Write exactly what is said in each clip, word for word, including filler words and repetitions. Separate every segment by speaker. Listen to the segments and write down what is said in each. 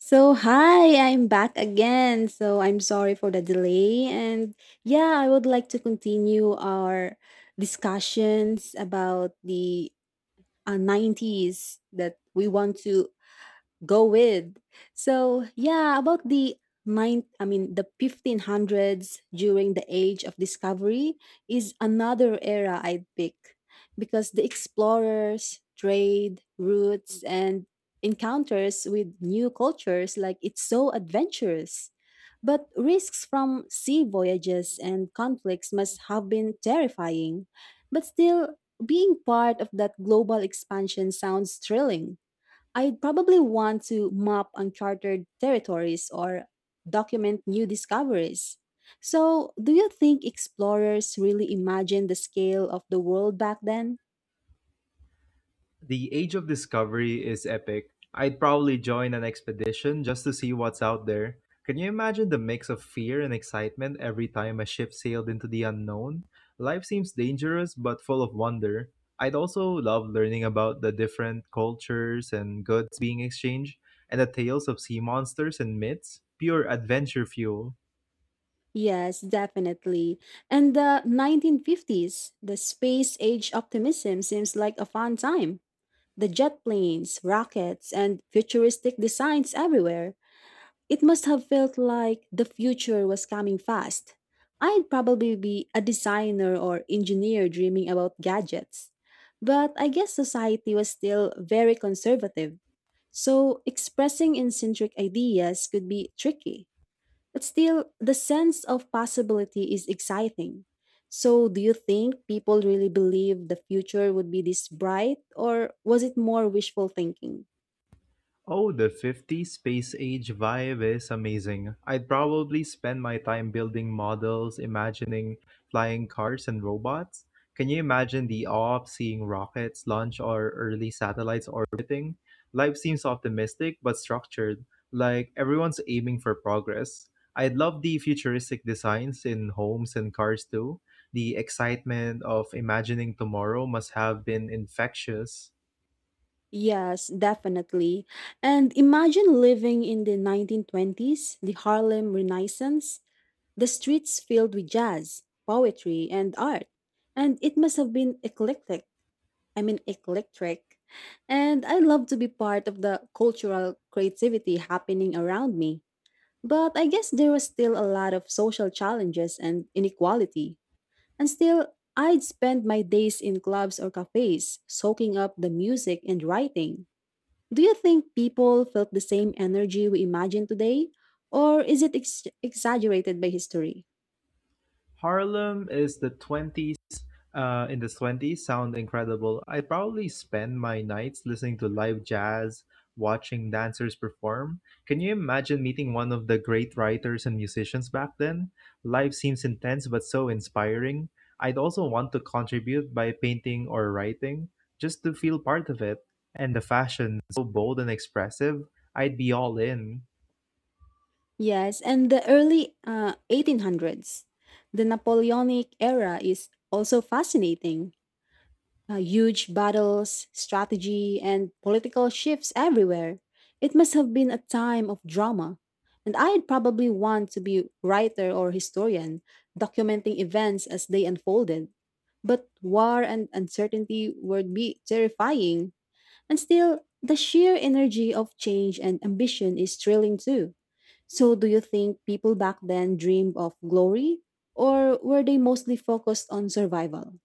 Speaker 1: So, hi, I'm back again. So, I'm sorry for the delay. And yeah, I would like to continue our discussions about the uh, nineties that we want to go with. So yeah, about the nine I mean the fifteen hundreds during the age of discovery is another era I'd pick because the explorers, trade, routes and encounters with new cultures like it's so adventurous. But risks from sea voyages and conflicts must have been terrifying. But still, being part of that global expansion sounds thrilling. I'd probably want to map uncharted territories or document new discoveries. So, do you think explorers really imagined the scale of the world back then?
Speaker 2: The Age of Discovery is epic. I'd probably join an expedition just to see what's out there. Can you imagine the mix of fear and excitement every time a ship sailed into the unknown? Life seems dangerous but full of wonder. I'd also love learning about the different cultures and goods being exchanged and the tales of sea monsters and myths. Pure adventure fuel.
Speaker 1: Yes, definitely. And the nineteen fifties, the space age optimism seems like a fun time. The jet planes, rockets, and futuristic designs everywhere. It must have felt like the future was coming fast. I'd probably be a designer or engineer dreaming about gadgets. But I guess society was still very conservative, so expressing eccentric ideas could be tricky. But still, the sense of possibility is exciting. So, do you think people really believed the future would be this bright, or was it more wishful thinking?
Speaker 2: Oh, the fifties space age vibe is amazing. I'd probably spend my time building models, imagining flying cars and robots. Can you imagine the awe of seeing rockets launch or early satellites orbiting? Life seems optimistic but structured, like everyone's aiming for progress. I'd love the futuristic designs in homes and cars too. The excitement of imagining tomorrow must have been infectious.
Speaker 1: Yes, definitely. And imagine living in the nineteen twenties, the Harlem Renaissance, the streets filled with jazz, poetry, and art. And it must have been eclectic. I mean, eclectic. And I love to be part of the cultural creativity happening around me. But I guess there was still a lot of social challenges and inequality. And still, I'd spend my days in clubs or cafes, soaking up the music and writing. Do you think people felt the same energy we imagine today? Or is it ex- exaggerated by history?
Speaker 2: Harlem is the twenties uh, in the twenties sound incredible. I probably spend my nights listening to live jazz, watching dancers perform. Can you imagine meeting one of the great writers and musicians back then? Life seems intense but so inspiring. I'd also want to contribute by painting or writing just to feel part of it. And the fashion, so bold and expressive, I'd be all in.
Speaker 1: Yes, and the early uh, eighteen hundreds, the Napoleonic era is also fascinating. uh, huge battles, strategy, and political shifts everywhere. It must have been a time of drama. And I'd probably want to be writer or historian, documenting events as they unfolded. But war and uncertainty would be terrifying. And still, the sheer energy of change and ambition is thrilling too. So, do you think people back then dreamed of glory, or were they mostly focused on survival?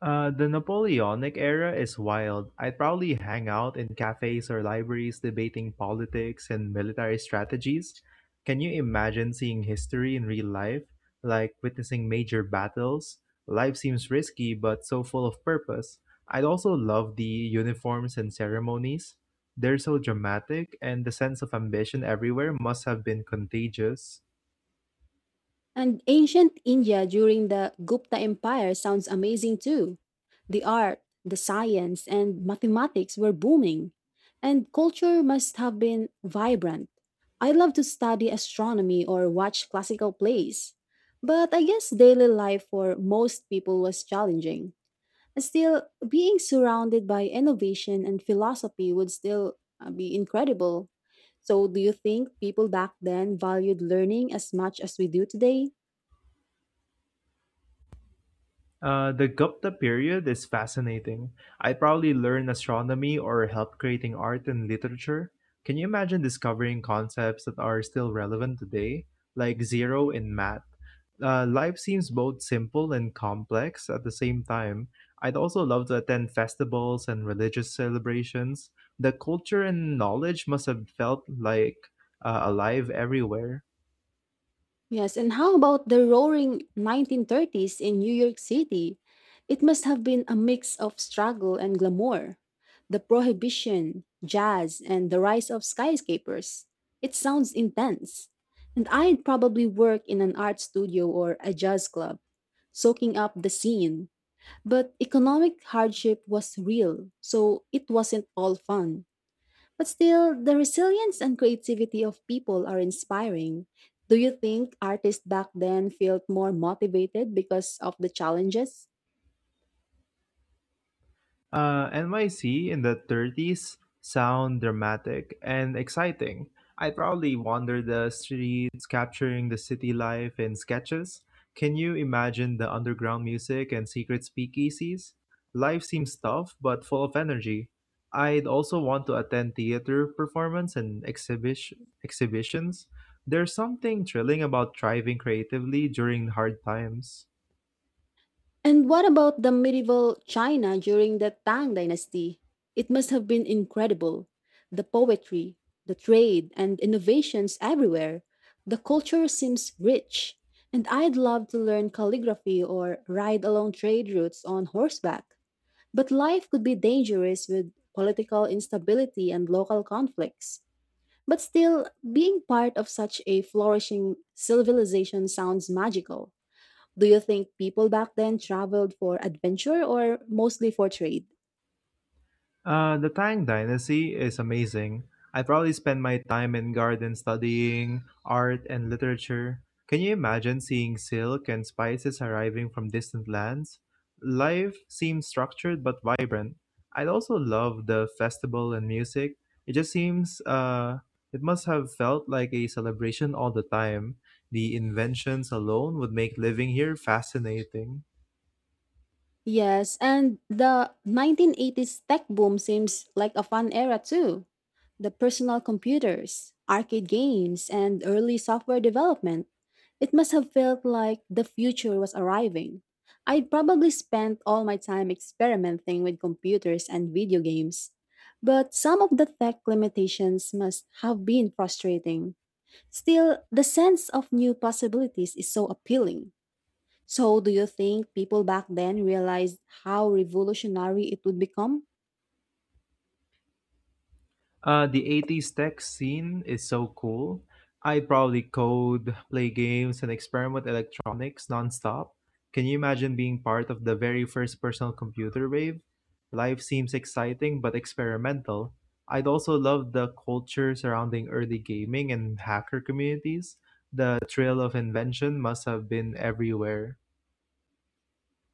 Speaker 2: Uh, the Napoleonic era is wild. I'd probably hang out in cafes or libraries debating politics and military strategies. Can you imagine seeing history in real life, like witnessing major battles? Life seems risky, but so full of purpose. I'd also love the uniforms and ceremonies. They're so dramatic, and the sense of ambition everywhere must have been contagious.
Speaker 1: And ancient India during the Gupta Empire sounds amazing too. The art, the science, and mathematics were booming, and culture must have been vibrant. I love to study astronomy or watch classical plays, but I guess daily life for most people was challenging. Still, being surrounded by innovation and philosophy would still uh, be incredible. So, do you think people back then valued learning as much as we do today?
Speaker 2: Uh, the Gupta period is fascinating. I probably learned astronomy or helped creating art and literature. Can you imagine discovering concepts that are still relevant today, like zero in math? Uh, life seems both simple and complex at the same time. I'd also love to attend festivals and religious celebrations. The culture and knowledge must have felt like uh, alive everywhere.
Speaker 1: Yes, and how about the roaring nineteen thirties in New York City? It must have been a mix of struggle and glamour. The prohibition, jazz, and the rise of skyscrapers. It sounds intense. And I'd probably work in an art studio or a jazz club, soaking up the scene. But economic hardship was real, so it wasn't all fun. But still, the resilience and creativity of people are inspiring. Do you think artists back then felt more motivated because of the challenges?
Speaker 2: Uh, N Y C in the thirties sound dramatic and exciting. I probably wander the streets capturing the city life in sketches. Can you imagine the underground music and secret speakeasies? Life seems tough but full of energy. I'd also want to attend theater performance and exhibition exhibitions. There's something thrilling about thriving creatively during hard times.
Speaker 1: And what about the medieval China during the Tang Dynasty? It must have been incredible. The poetry, the trade, and innovations everywhere. The culture seems rich. And I'd love to learn calligraphy or ride along trade routes on horseback. But life could be dangerous with political instability and local conflicts. But still, being part of such a flourishing civilization sounds magical. Do you think people back then traveled for adventure or mostly for trade?
Speaker 2: Uh, the Tang Dynasty is amazing. I probably spend my time in garden studying art and literature. Can you imagine seeing silk and spices arriving from distant lands? Life seems structured but vibrant. I'd also love the festival and music. It just seems uh, it must have felt like a celebration all the time. The inventions alone would make living here fascinating.
Speaker 1: Yes, and the nineteen eighties tech boom seems like a fun era too. The personal computers, arcade games, and early software development. It must have felt like the future was arriving. I probably spent all my time experimenting with computers and video games. But some of the tech limitations must have been frustrating. Still, the sense of new possibilities is so appealing. So, do you think people back then realized how revolutionary it would become?
Speaker 2: Uh, the eighties tech scene is so cool. I probably code, play games, and experiment electronics nonstop. Can you imagine being part of the very first personal computer wave? Life seems exciting but experimental. I'd also love the culture surrounding early gaming and hacker communities. The thrill of invention must have been everywhere.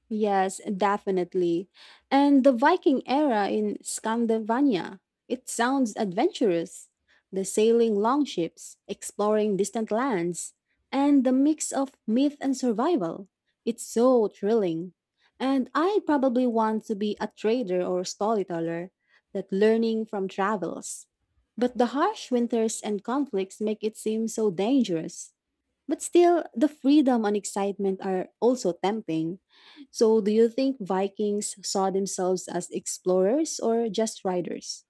Speaker 1: Yes, definitely. And the Viking era in Scandinavia. It sounds adventurous. The sailing longships, exploring distant lands, and the mix of myth and survival. It's so thrilling. And I probably want to be a trader or storyteller that learning from travels. But the harsh winters and conflicts make it seem so dangerous. But still, the freedom and excitement are also tempting. So, do you think Vikings saw themselves as explorers or just riders?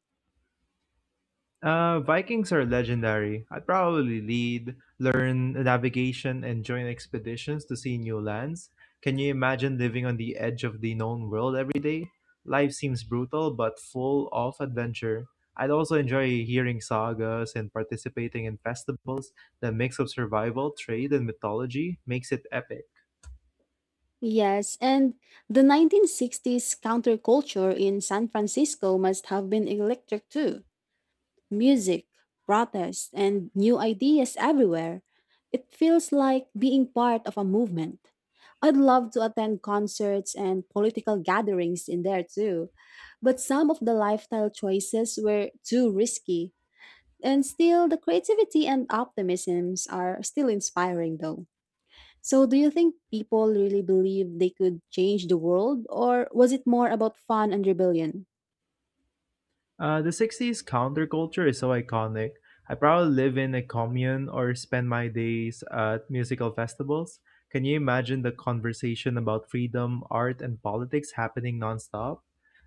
Speaker 2: Uh, Vikings are legendary. I'd probably lead, learn navigation, and join expeditions to see new lands. Can you imagine living on the edge of the known world every day? Life seems brutal but full of adventure. I'd also enjoy hearing sagas and participating in festivals. The mix of survival, trade, and mythology makes it epic.
Speaker 1: Yes, and the nineteen sixties counterculture in San Francisco must have been electric too. Music, protests, and new ideas everywhere. It feels like being part of a movement. I'd love to attend concerts and political gatherings in there too, but some of the lifestyle choices were too risky. And still, the creativity and optimisms are still inspiring though. So, do you think people really believe they could change the world, or was it more about fun and rebellion?
Speaker 2: Uh, the sixties counterculture is so iconic. I probably live in a commune or spend my days at musical festivals. Can you imagine the conversation about freedom, art, and politics happening nonstop?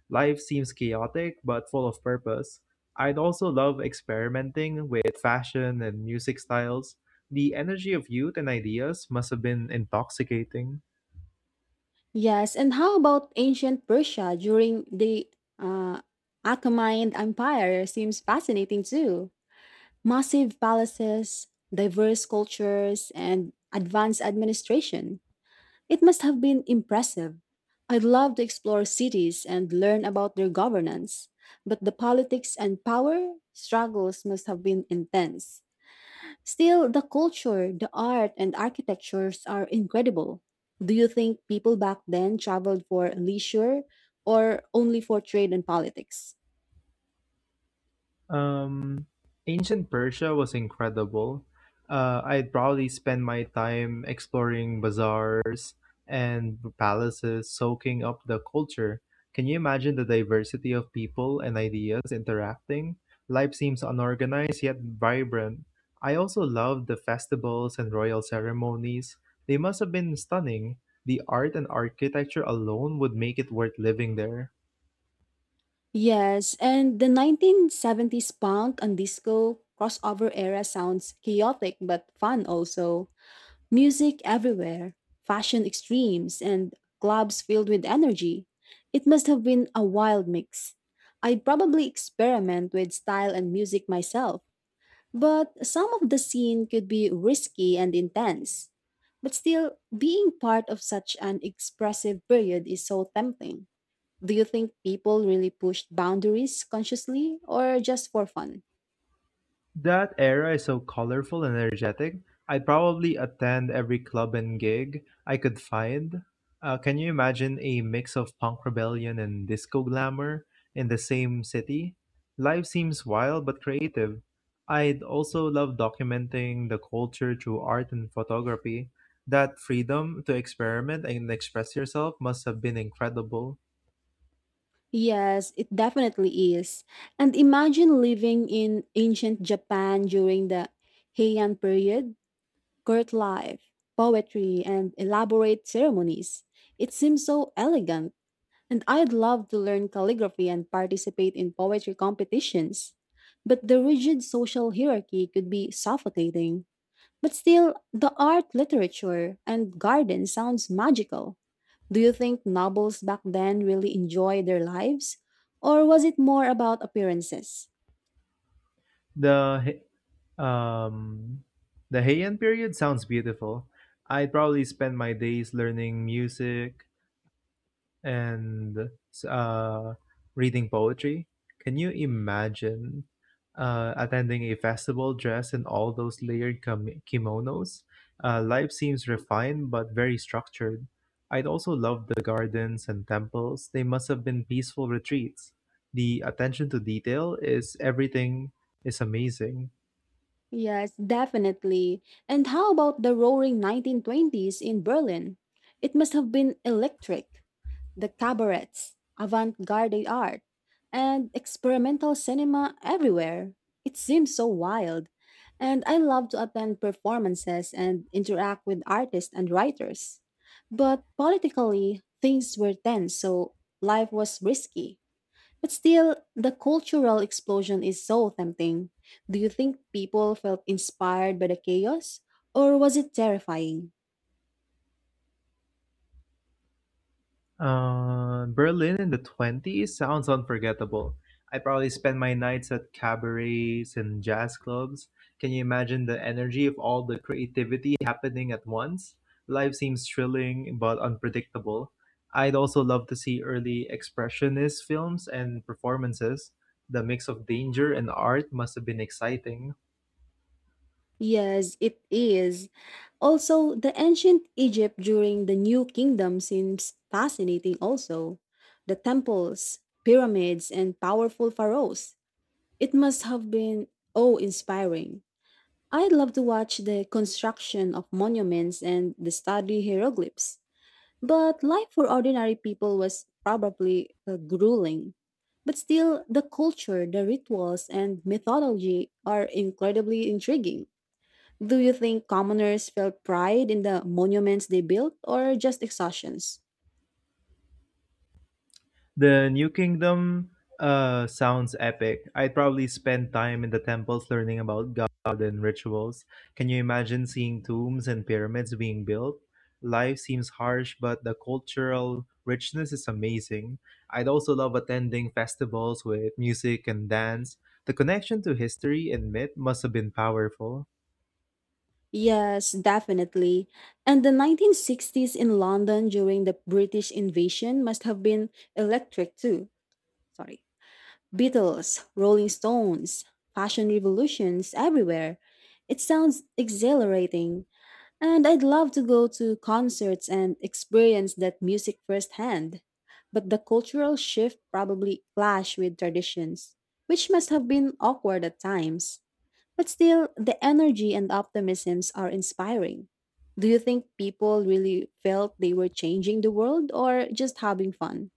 Speaker 2: Life seems chaotic but full of purpose. I'd also love experimenting with fashion and music styles. The energy of youth and ideas must have been intoxicating.
Speaker 1: Yes, and how about ancient Persia during the uh, Achaemenid Empire? Seems fascinating too. Massive palaces, diverse cultures, and advanced administration. It must have been impressive. I'd love to explore cities and learn about their governance, but the politics and power struggles must have been intense. Still, the culture, the art, and architectures are incredible. Do you think people back then traveled for leisure or only for trade and politics?
Speaker 2: Um, Ancient Persia was incredible. Uh, I'd probably spend my time exploring bazaars and palaces, soaking up the culture. Can you imagine the diversity of people and ideas interacting? Life seems unorganized yet vibrant. I also loved the festivals and royal ceremonies. They must have been stunning. The art and architecture alone would make it worth living there.
Speaker 1: Yes, and the nineteen seventies punk and disco crossover era sounds chaotic but fun also. Music everywhere, fashion extremes, and clubs filled with energy. It must have been a wild mix. I'd probably experiment with style and music myself. But some of the scene could be risky and intense. But still, being part of such an expressive period is so tempting. Do you think people really pushed boundaries consciously or just for fun?
Speaker 2: That era is so colorful and energetic. I'd probably attend every club and gig I could find. Uh, can you imagine a mix of punk rebellion and disco glamour in the same city? Life seems wild but creative. I'd also love documenting the culture through art and photography. That freedom to experiment and express yourself must have been incredible.
Speaker 1: Yes, it definitely is. And imagine living in ancient Japan during the Heian period, court life, poetry, and elaborate ceremonies. It seems so elegant. And I'd love to learn calligraphy and participate in poetry competitions. But the rigid social hierarchy could be suffocating. But still, the art, literature, and garden sounds magical. Do you think nobles back then really enjoyed their lives? Or was it more about appearances?
Speaker 2: The hi- Um, the Heian period sounds beautiful. I'd probably spend my days learning music and uh, reading poetry. Can you imagine uh, attending a festival dressed in all those layered kim- kimonos? Uh, life seems refined but very structured. I'd also love the gardens and temples. They must have been peaceful retreats. The attention to detail is everything is amazing.
Speaker 1: Yes, definitely. And how about the roaring nineteen twenties in Berlin? It must have been electric. The cabarets, avant garde art, and experimental cinema everywhere. It seems so wild. And I love to attend performances and interact with artists and writers. But politically, things were tense, so life was risky. But still, the cultural explosion is so tempting. Do you think people felt inspired by the chaos? Or was it terrifying?
Speaker 2: Uh, Berlin in the twenties sounds unforgettable. I probably spent my nights at cabarets and jazz clubs. Can you imagine the energy of all the creativity happening at once? Life seems thrilling but unpredictable. I'd also love to see early expressionist films and performances. The mix of danger and art must have been exciting.
Speaker 1: Yes, it is. Also, the ancient Egypt during the New Kingdom seems fascinating, also. The temples, pyramids, and powerful pharaohs. It must have been awe inspiring. I'd love to watch the construction of monuments and the study hieroglyphs. But life for ordinary people was probably uh, grueling. But still, the culture, the rituals, and mythology are incredibly intriguing. Do you think commoners felt pride in the monuments they built or just exhaustions?
Speaker 2: The New Kingdom uh, sounds epic. I'd probably spend time in the temples learning about God and rituals. Can you imagine seeing tombs and pyramids being built? Life seems harsh, but the cultural richness is amazing. I'd also love attending festivals with music and dance. The connection to history and myth must have been powerful.
Speaker 1: Yes, definitely. And the nineteen sixties in London during the British invasion must have been electric too. Sorry. Beatles, Rolling Stones, fashion revolutions everywhere. It sounds exhilarating, and I'd love to go to concerts and experience that music firsthand. But the cultural shift probably clashed with traditions, which must have been awkward at times. But still, the energy and optimisms are inspiring. Do you think people really felt they were changing the world or just having fun?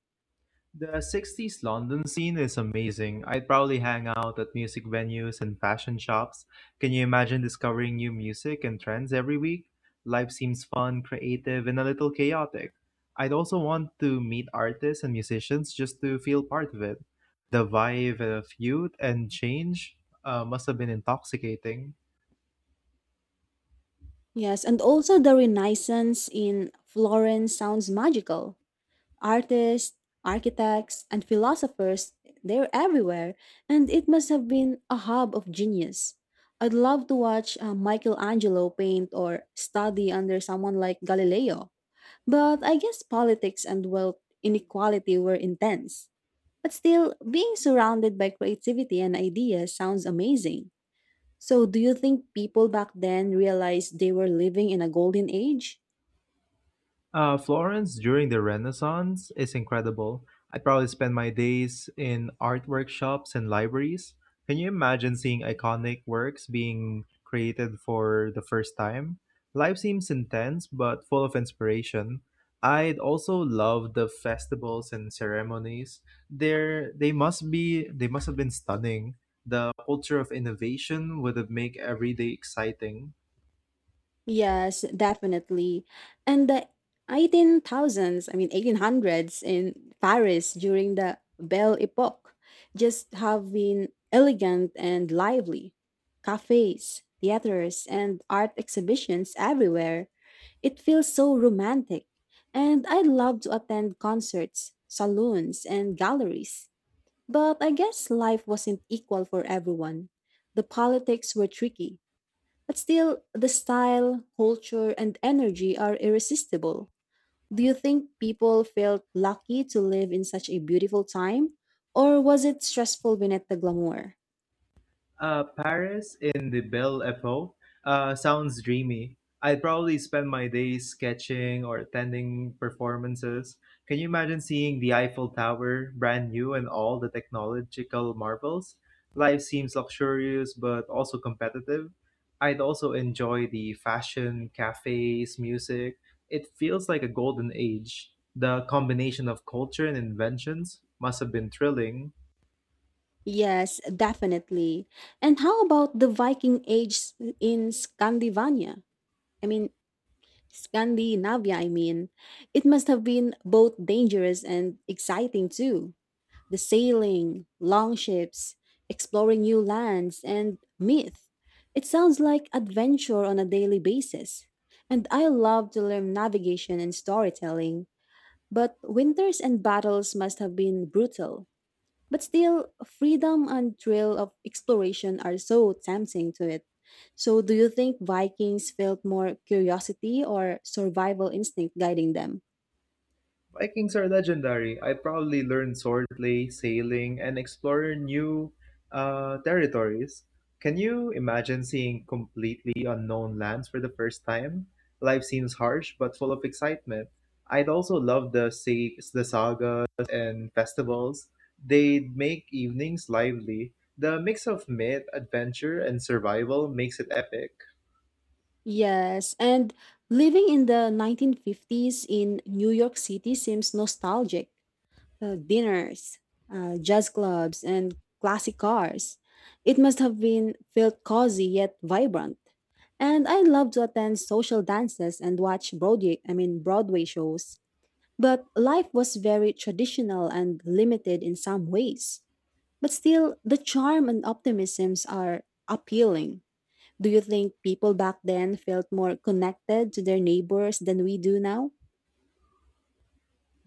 Speaker 2: The sixties London scene is amazing. I'd probably hang out at music venues and fashion shops. Can you imagine discovering new music and trends every week? Life seems fun, creative, and a little chaotic. I'd also want to meet artists and musicians just to feel part of it. The vibe of youth and change uh, must have been intoxicating.
Speaker 1: Yes, and also the Renaissance in Florence sounds magical. Artists, architects, and philosophers, they're everywhere, and it must have been a hub of genius. I'd love to watch uh, Michelangelo paint or study under someone like Galileo, but I guess politics and wealth inequality were intense. But still, being surrounded by creativity and ideas sounds amazing. So, do you think people back then realized they were living in a golden age?
Speaker 2: Uh, Florence during the Renaissance is incredible. I'd probably spend my days in art workshops and libraries. Can you imagine seeing iconic works being created for the first time? Life seems intense but full of inspiration. I'd also love the festivals and ceremonies. There they must be they must have been stunning. The culture of innovation would have made every day exciting.
Speaker 1: Yes, definitely. And the eighteen thousands, I mean eighteen hundreds in Paris during the Belle Epoque just have been elegant and lively. Cafes, theaters, and art exhibitions everywhere. It feels so romantic. And I love to attend concerts, saloons, and galleries. But I guess life wasn't equal for everyone. The politics were tricky, but still, the style, culture, and energy are irresistible. Do you think people felt lucky to live in such a beautiful time? Or was it stressful beneath the glamour?
Speaker 2: Uh, Paris in the Belle Epoque uh, sounds dreamy. I'd probably spend my days sketching or attending performances. Can you imagine seeing the Eiffel Tower, brand new, and all the technological marvels? Life seems luxurious but also competitive. I'd also enjoy the fashion, cafes, music. It feels like a golden age. The combination of culture and inventions must have been thrilling.
Speaker 1: Yes, definitely. And how about the Viking age s- in Scandinavia? I mean, Scandinavia, I mean. It must have been both dangerous and exciting too. The sailing, long ships, exploring new lands, and myth. It sounds like adventure on a daily basis. And I love to learn navigation and storytelling, but winters and battles must have been brutal. But still, freedom and thrill of exploration are so tempting to it. So, do you think Vikings felt more curiosity or survival instinct guiding them?
Speaker 2: Vikings are legendary. I probably learned swordplay, sailing, and explore new uh, territories. Can you imagine seeing completely unknown lands for the first time? Life seems harsh but full of excitement. I'd also love the sa- the sagas and festivals. They'd make evenings lively. The mix of myth, adventure, and survival makes it epic.
Speaker 1: Yes, and living in the nineteen fifties in New York City seems nostalgic. Uh, dinners, uh, jazz clubs, and classic cars. It must have been felt cozy yet vibrant. And I love to attend social dances and watch Broadway, I mean Broadway shows. But life was very traditional and limited in some ways. But still, the charm and optimisms are appealing. Do you think people back then felt more connected to their neighbors than we do now?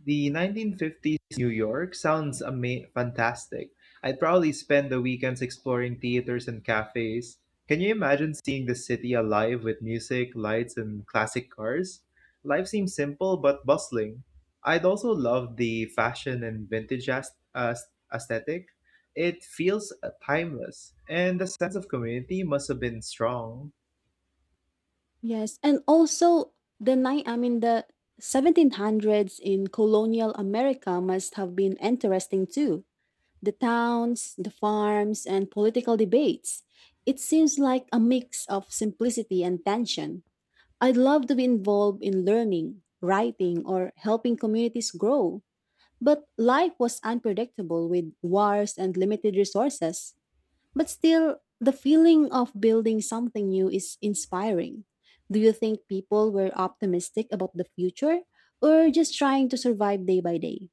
Speaker 2: The nineteen fifties New York sounds ama- fantastic. I'd probably spend the weekends exploring theaters and cafes. Can you imagine seeing the city alive with music, lights, and classic cars? Life seems simple but bustling. I'd also love the fashion and vintage as- as- aesthetic. It feels uh, timeless, and the sense of community must have been strong.
Speaker 1: Yes, and also the nine I mean the seventeen hundreds in colonial America must have been interesting too. The towns, the farms, and political debates. It seems like a mix of simplicity and tension. I'd love to be involved in learning, writing, or helping communities grow. But life was unpredictable with wars and limited resources. But still, the feeling of building something new is inspiring. Do you think people were optimistic about the future or just trying to survive day by day?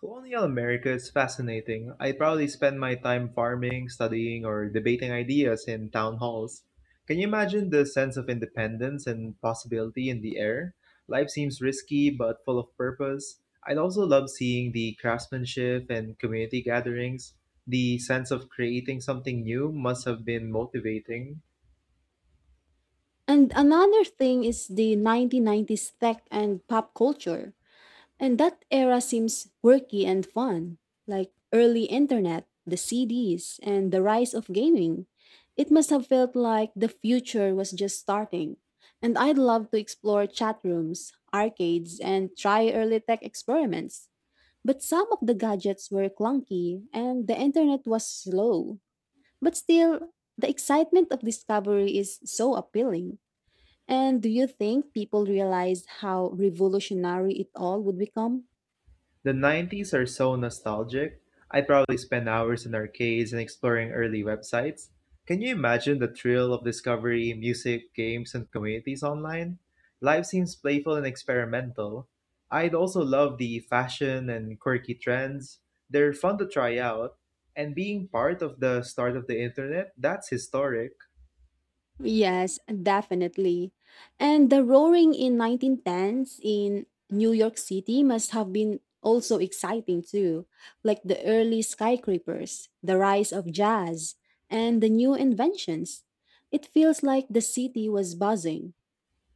Speaker 2: Colonial America is fascinating. I probably spend my time farming, studying, or debating ideas in town halls. Can you imagine the sense of independence and possibility in the air? Life seems risky but full of purpose. I'd also love seeing the craftsmanship and community gatherings. The sense of creating something new must have been motivating.
Speaker 1: And another thing is the nineteen nineties tech and pop culture. And that era seems quirky and fun, like early internet, the C Ds, and the rise of gaming. It must have felt like the future was just starting. And I'd love to explore chat rooms, arcades, and try early tech experiments. But some of the gadgets were clunky and the internet was slow. But still, the excitement of discovery is so appealing. And do you think people realize how revolutionary it all would become?
Speaker 2: The nineties are so nostalgic. I probably spent hours in arcades and exploring early websites. Can you imagine the thrill of discovery, music, games, and communities online? Life seems playful and experimental. I'd also love the fashion and quirky trends. They're fun to try out. And being part of the start of the internet, that's historic.
Speaker 1: Yes, definitely. And the roaring in nineteen tens in New York City must have been also exciting too, like the early skyscrapers, the rise of jazz, and the new inventions. It feels like the city was buzzing,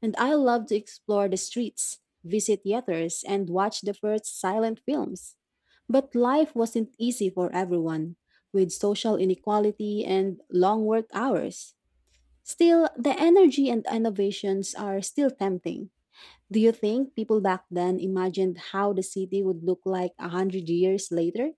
Speaker 1: and I love to explore the streets, visit theaters, and watch the first silent films. But life wasn't easy for everyone, with social inequality and long work hours. Still, the energy and innovations are still tempting. Do you think people back then imagined how the city would look like a hundred years later?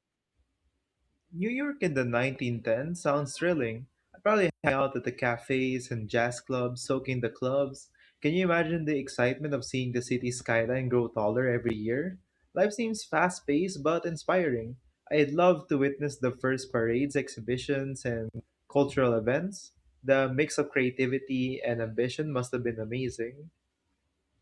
Speaker 2: New York in the nineteen tens sounds thrilling. I'd probably hang out at the cafes and jazz clubs, soaking the clubs. Can you imagine the excitement of seeing the city skyline grow taller every year? Life seems fast paced but inspiring. I'd love to witness the first parades, exhibitions, and cultural events. The mix of creativity and ambition must have been amazing.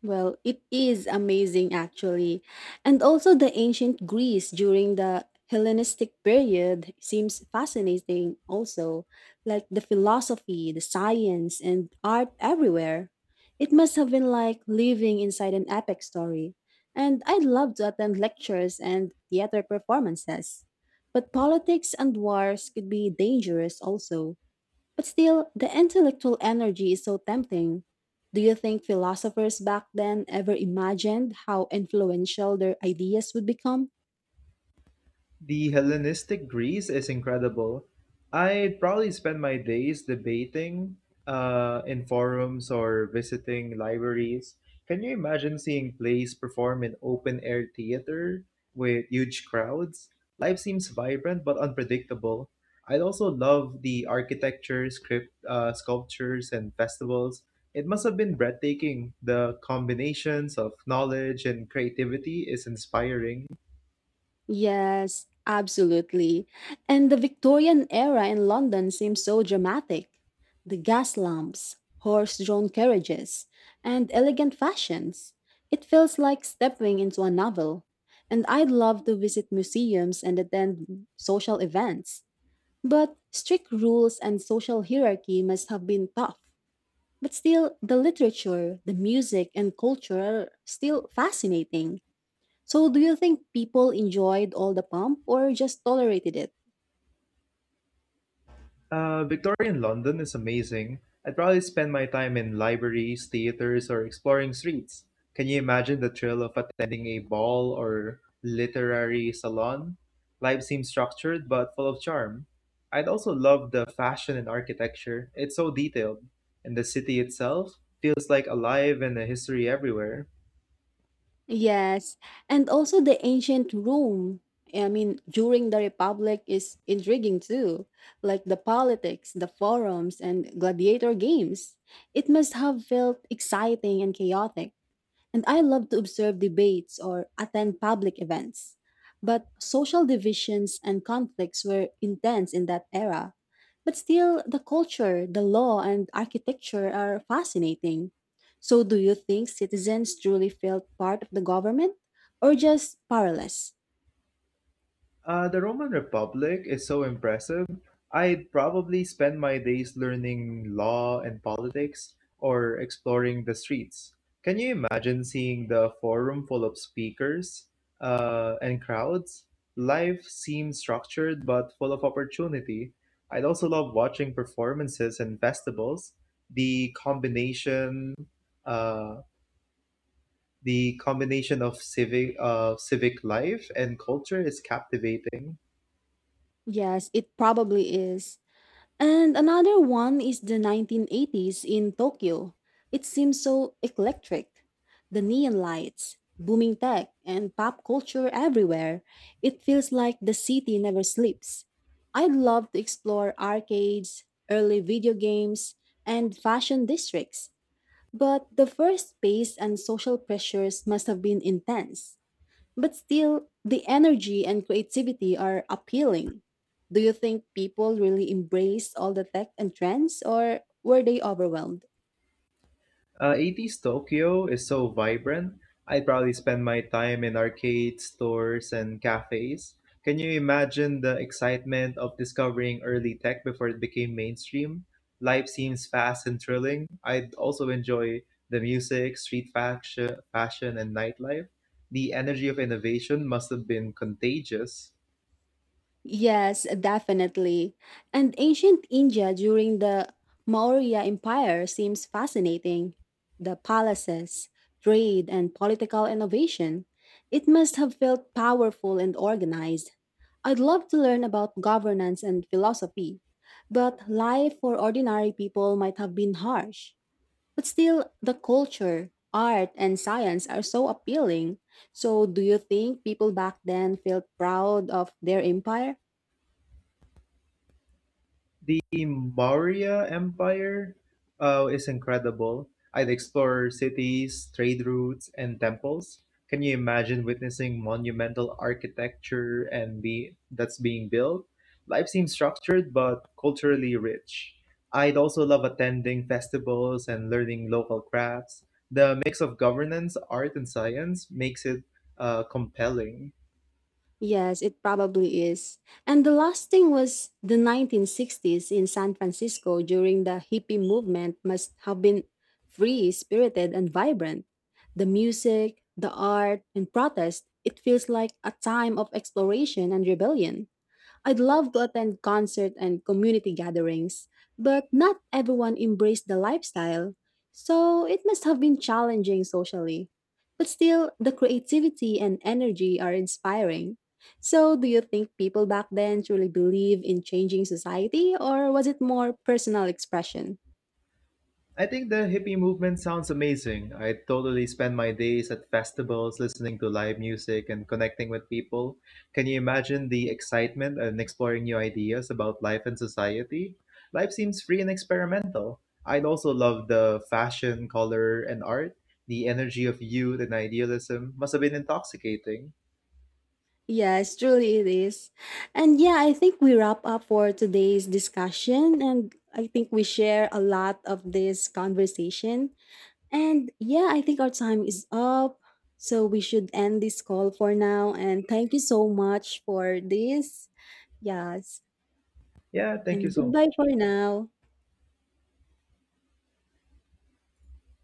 Speaker 1: Well, it is amazing actually. And also the ancient Greece during the Hellenistic period seems fascinating also, like the philosophy, the science, and art everywhere. It must have been like living inside an epic story. And I'd love to attend lectures and theater performances. But politics and wars could be dangerous also. But still, the intellectual energy is so tempting. Do you think philosophers back then ever imagined how influential their ideas would become?
Speaker 2: The Hellenistic Greece is incredible. I'd probably spend my days debating uh, in forums or visiting libraries. Can you imagine seeing plays perform in open air theater with huge crowds? Life seems vibrant but unpredictable. I'd also love the architecture, script, uh, sculptures, and festivals. It must have been breathtaking. The combinations of knowledge and creativity is inspiring.
Speaker 1: Yes, absolutely. And the Victorian era in London seems so dramatic. The gas lamps, horse drawn carriages, and elegant fashions. It feels like stepping into a novel. And I'd love to visit museums and attend social events. But strict rules and social hierarchy must have been tough. But still, the literature, the music, and culture are still fascinating. So, do you think people enjoyed all the pomp or just tolerated it?
Speaker 2: Uh, Victorian London is amazing. I'd probably spend my time in libraries, theaters, or exploring streets. Can you imagine the thrill of attending a ball or literary salon? Life seems structured but full of charm. I'd also love the fashion and architecture. It's so detailed. And the city itself feels like alive and a history everywhere.
Speaker 1: Yes, and also the ancient Rome. I mean, during the Republic is intriguing too, like the politics, the forums, and gladiator games. It must have felt exciting and chaotic. And I love to observe debates or attend public events. But social divisions and conflicts were intense in that era. But still, the culture, the law, and architecture are fascinating. So, do you think citizens truly felt part of the government or just powerless?
Speaker 2: Uh, the Roman Republic is so impressive. I'd probably spend my days learning law and politics or exploring the streets. Can you imagine seeing the forum full of speakers uh, and crowds? Life seems structured but full of opportunity. I'd also love watching performances and festivals. The combination, uh, the combination of civic, uh, civic life and culture is captivating.
Speaker 1: Yes, it probably is. And another one is the nineteen eighties in Tokyo. It seems so eclectic. The neon lights, booming tech, and pop culture everywhere. It feels like the city never sleeps. I'd love to explore arcades, early video games, and fashion districts. But the first pace and social pressures must have been intense. But still, the energy and creativity are appealing. Do you think people really embraced all the tech and trends, or were they overwhelmed?
Speaker 2: Uh, eighties Tokyo is so vibrant. I'd probably spend my time in arcades, stores, and cafes. Can you imagine the excitement of discovering early tech before it became mainstream? Life seems fast and thrilling. I'd also enjoy the music, street fashion, fashion and nightlife. The energy of innovation must have been contagious.
Speaker 1: Yes, definitely. And ancient India during the Maurya Empire seems fascinating. The palaces, trade, and political innovation. It must have felt powerful and organized. I'd love to learn about governance and philosophy, but life for ordinary people might have been harsh. But still, the culture, art, and science are so appealing. So, do you think people back then felt proud of their empire?
Speaker 2: The Maurya Empire uh, is incredible. I'd explore cities, trade routes, and temples. Can you imagine witnessing monumental architecture and be that's being built? Life seems structured but culturally rich. I'd also love attending festivals and learning local crafts. The mix of governance, art, and science makes it uh, compelling.
Speaker 1: Yes, it probably is. And the last thing was the nineteen sixties in San Francisco during the hippie movement must have been free spirited and vibrant. The music, the art, and protest, it feels like a time of exploration and rebellion. I'd love to attend concert and community gatherings, but not everyone embraced the lifestyle, so it must have been challenging socially. But still, the creativity and energy are inspiring. So, do you think people back then truly believe in changing society, or was it more personal expression?
Speaker 2: I think the hippie movement sounds amazing. I totally spend my days at festivals listening to live music and connecting with people. Can you imagine the excitement and exploring new ideas about life and society? Life seems free and experimental. I'd also love the fashion, color, and art. The energy of youth and idealism must have been intoxicating.
Speaker 1: Yes, truly it is. And yeah, I think we wrap up for today's discussion, and I think we share a lot of this conversation. And yeah, I think our time is up. So we should end this call for now. And thank you so much for this. Yes.
Speaker 2: Yeah, thank you
Speaker 1: And
Speaker 2: so
Speaker 1: goodbye
Speaker 2: much.
Speaker 1: for now.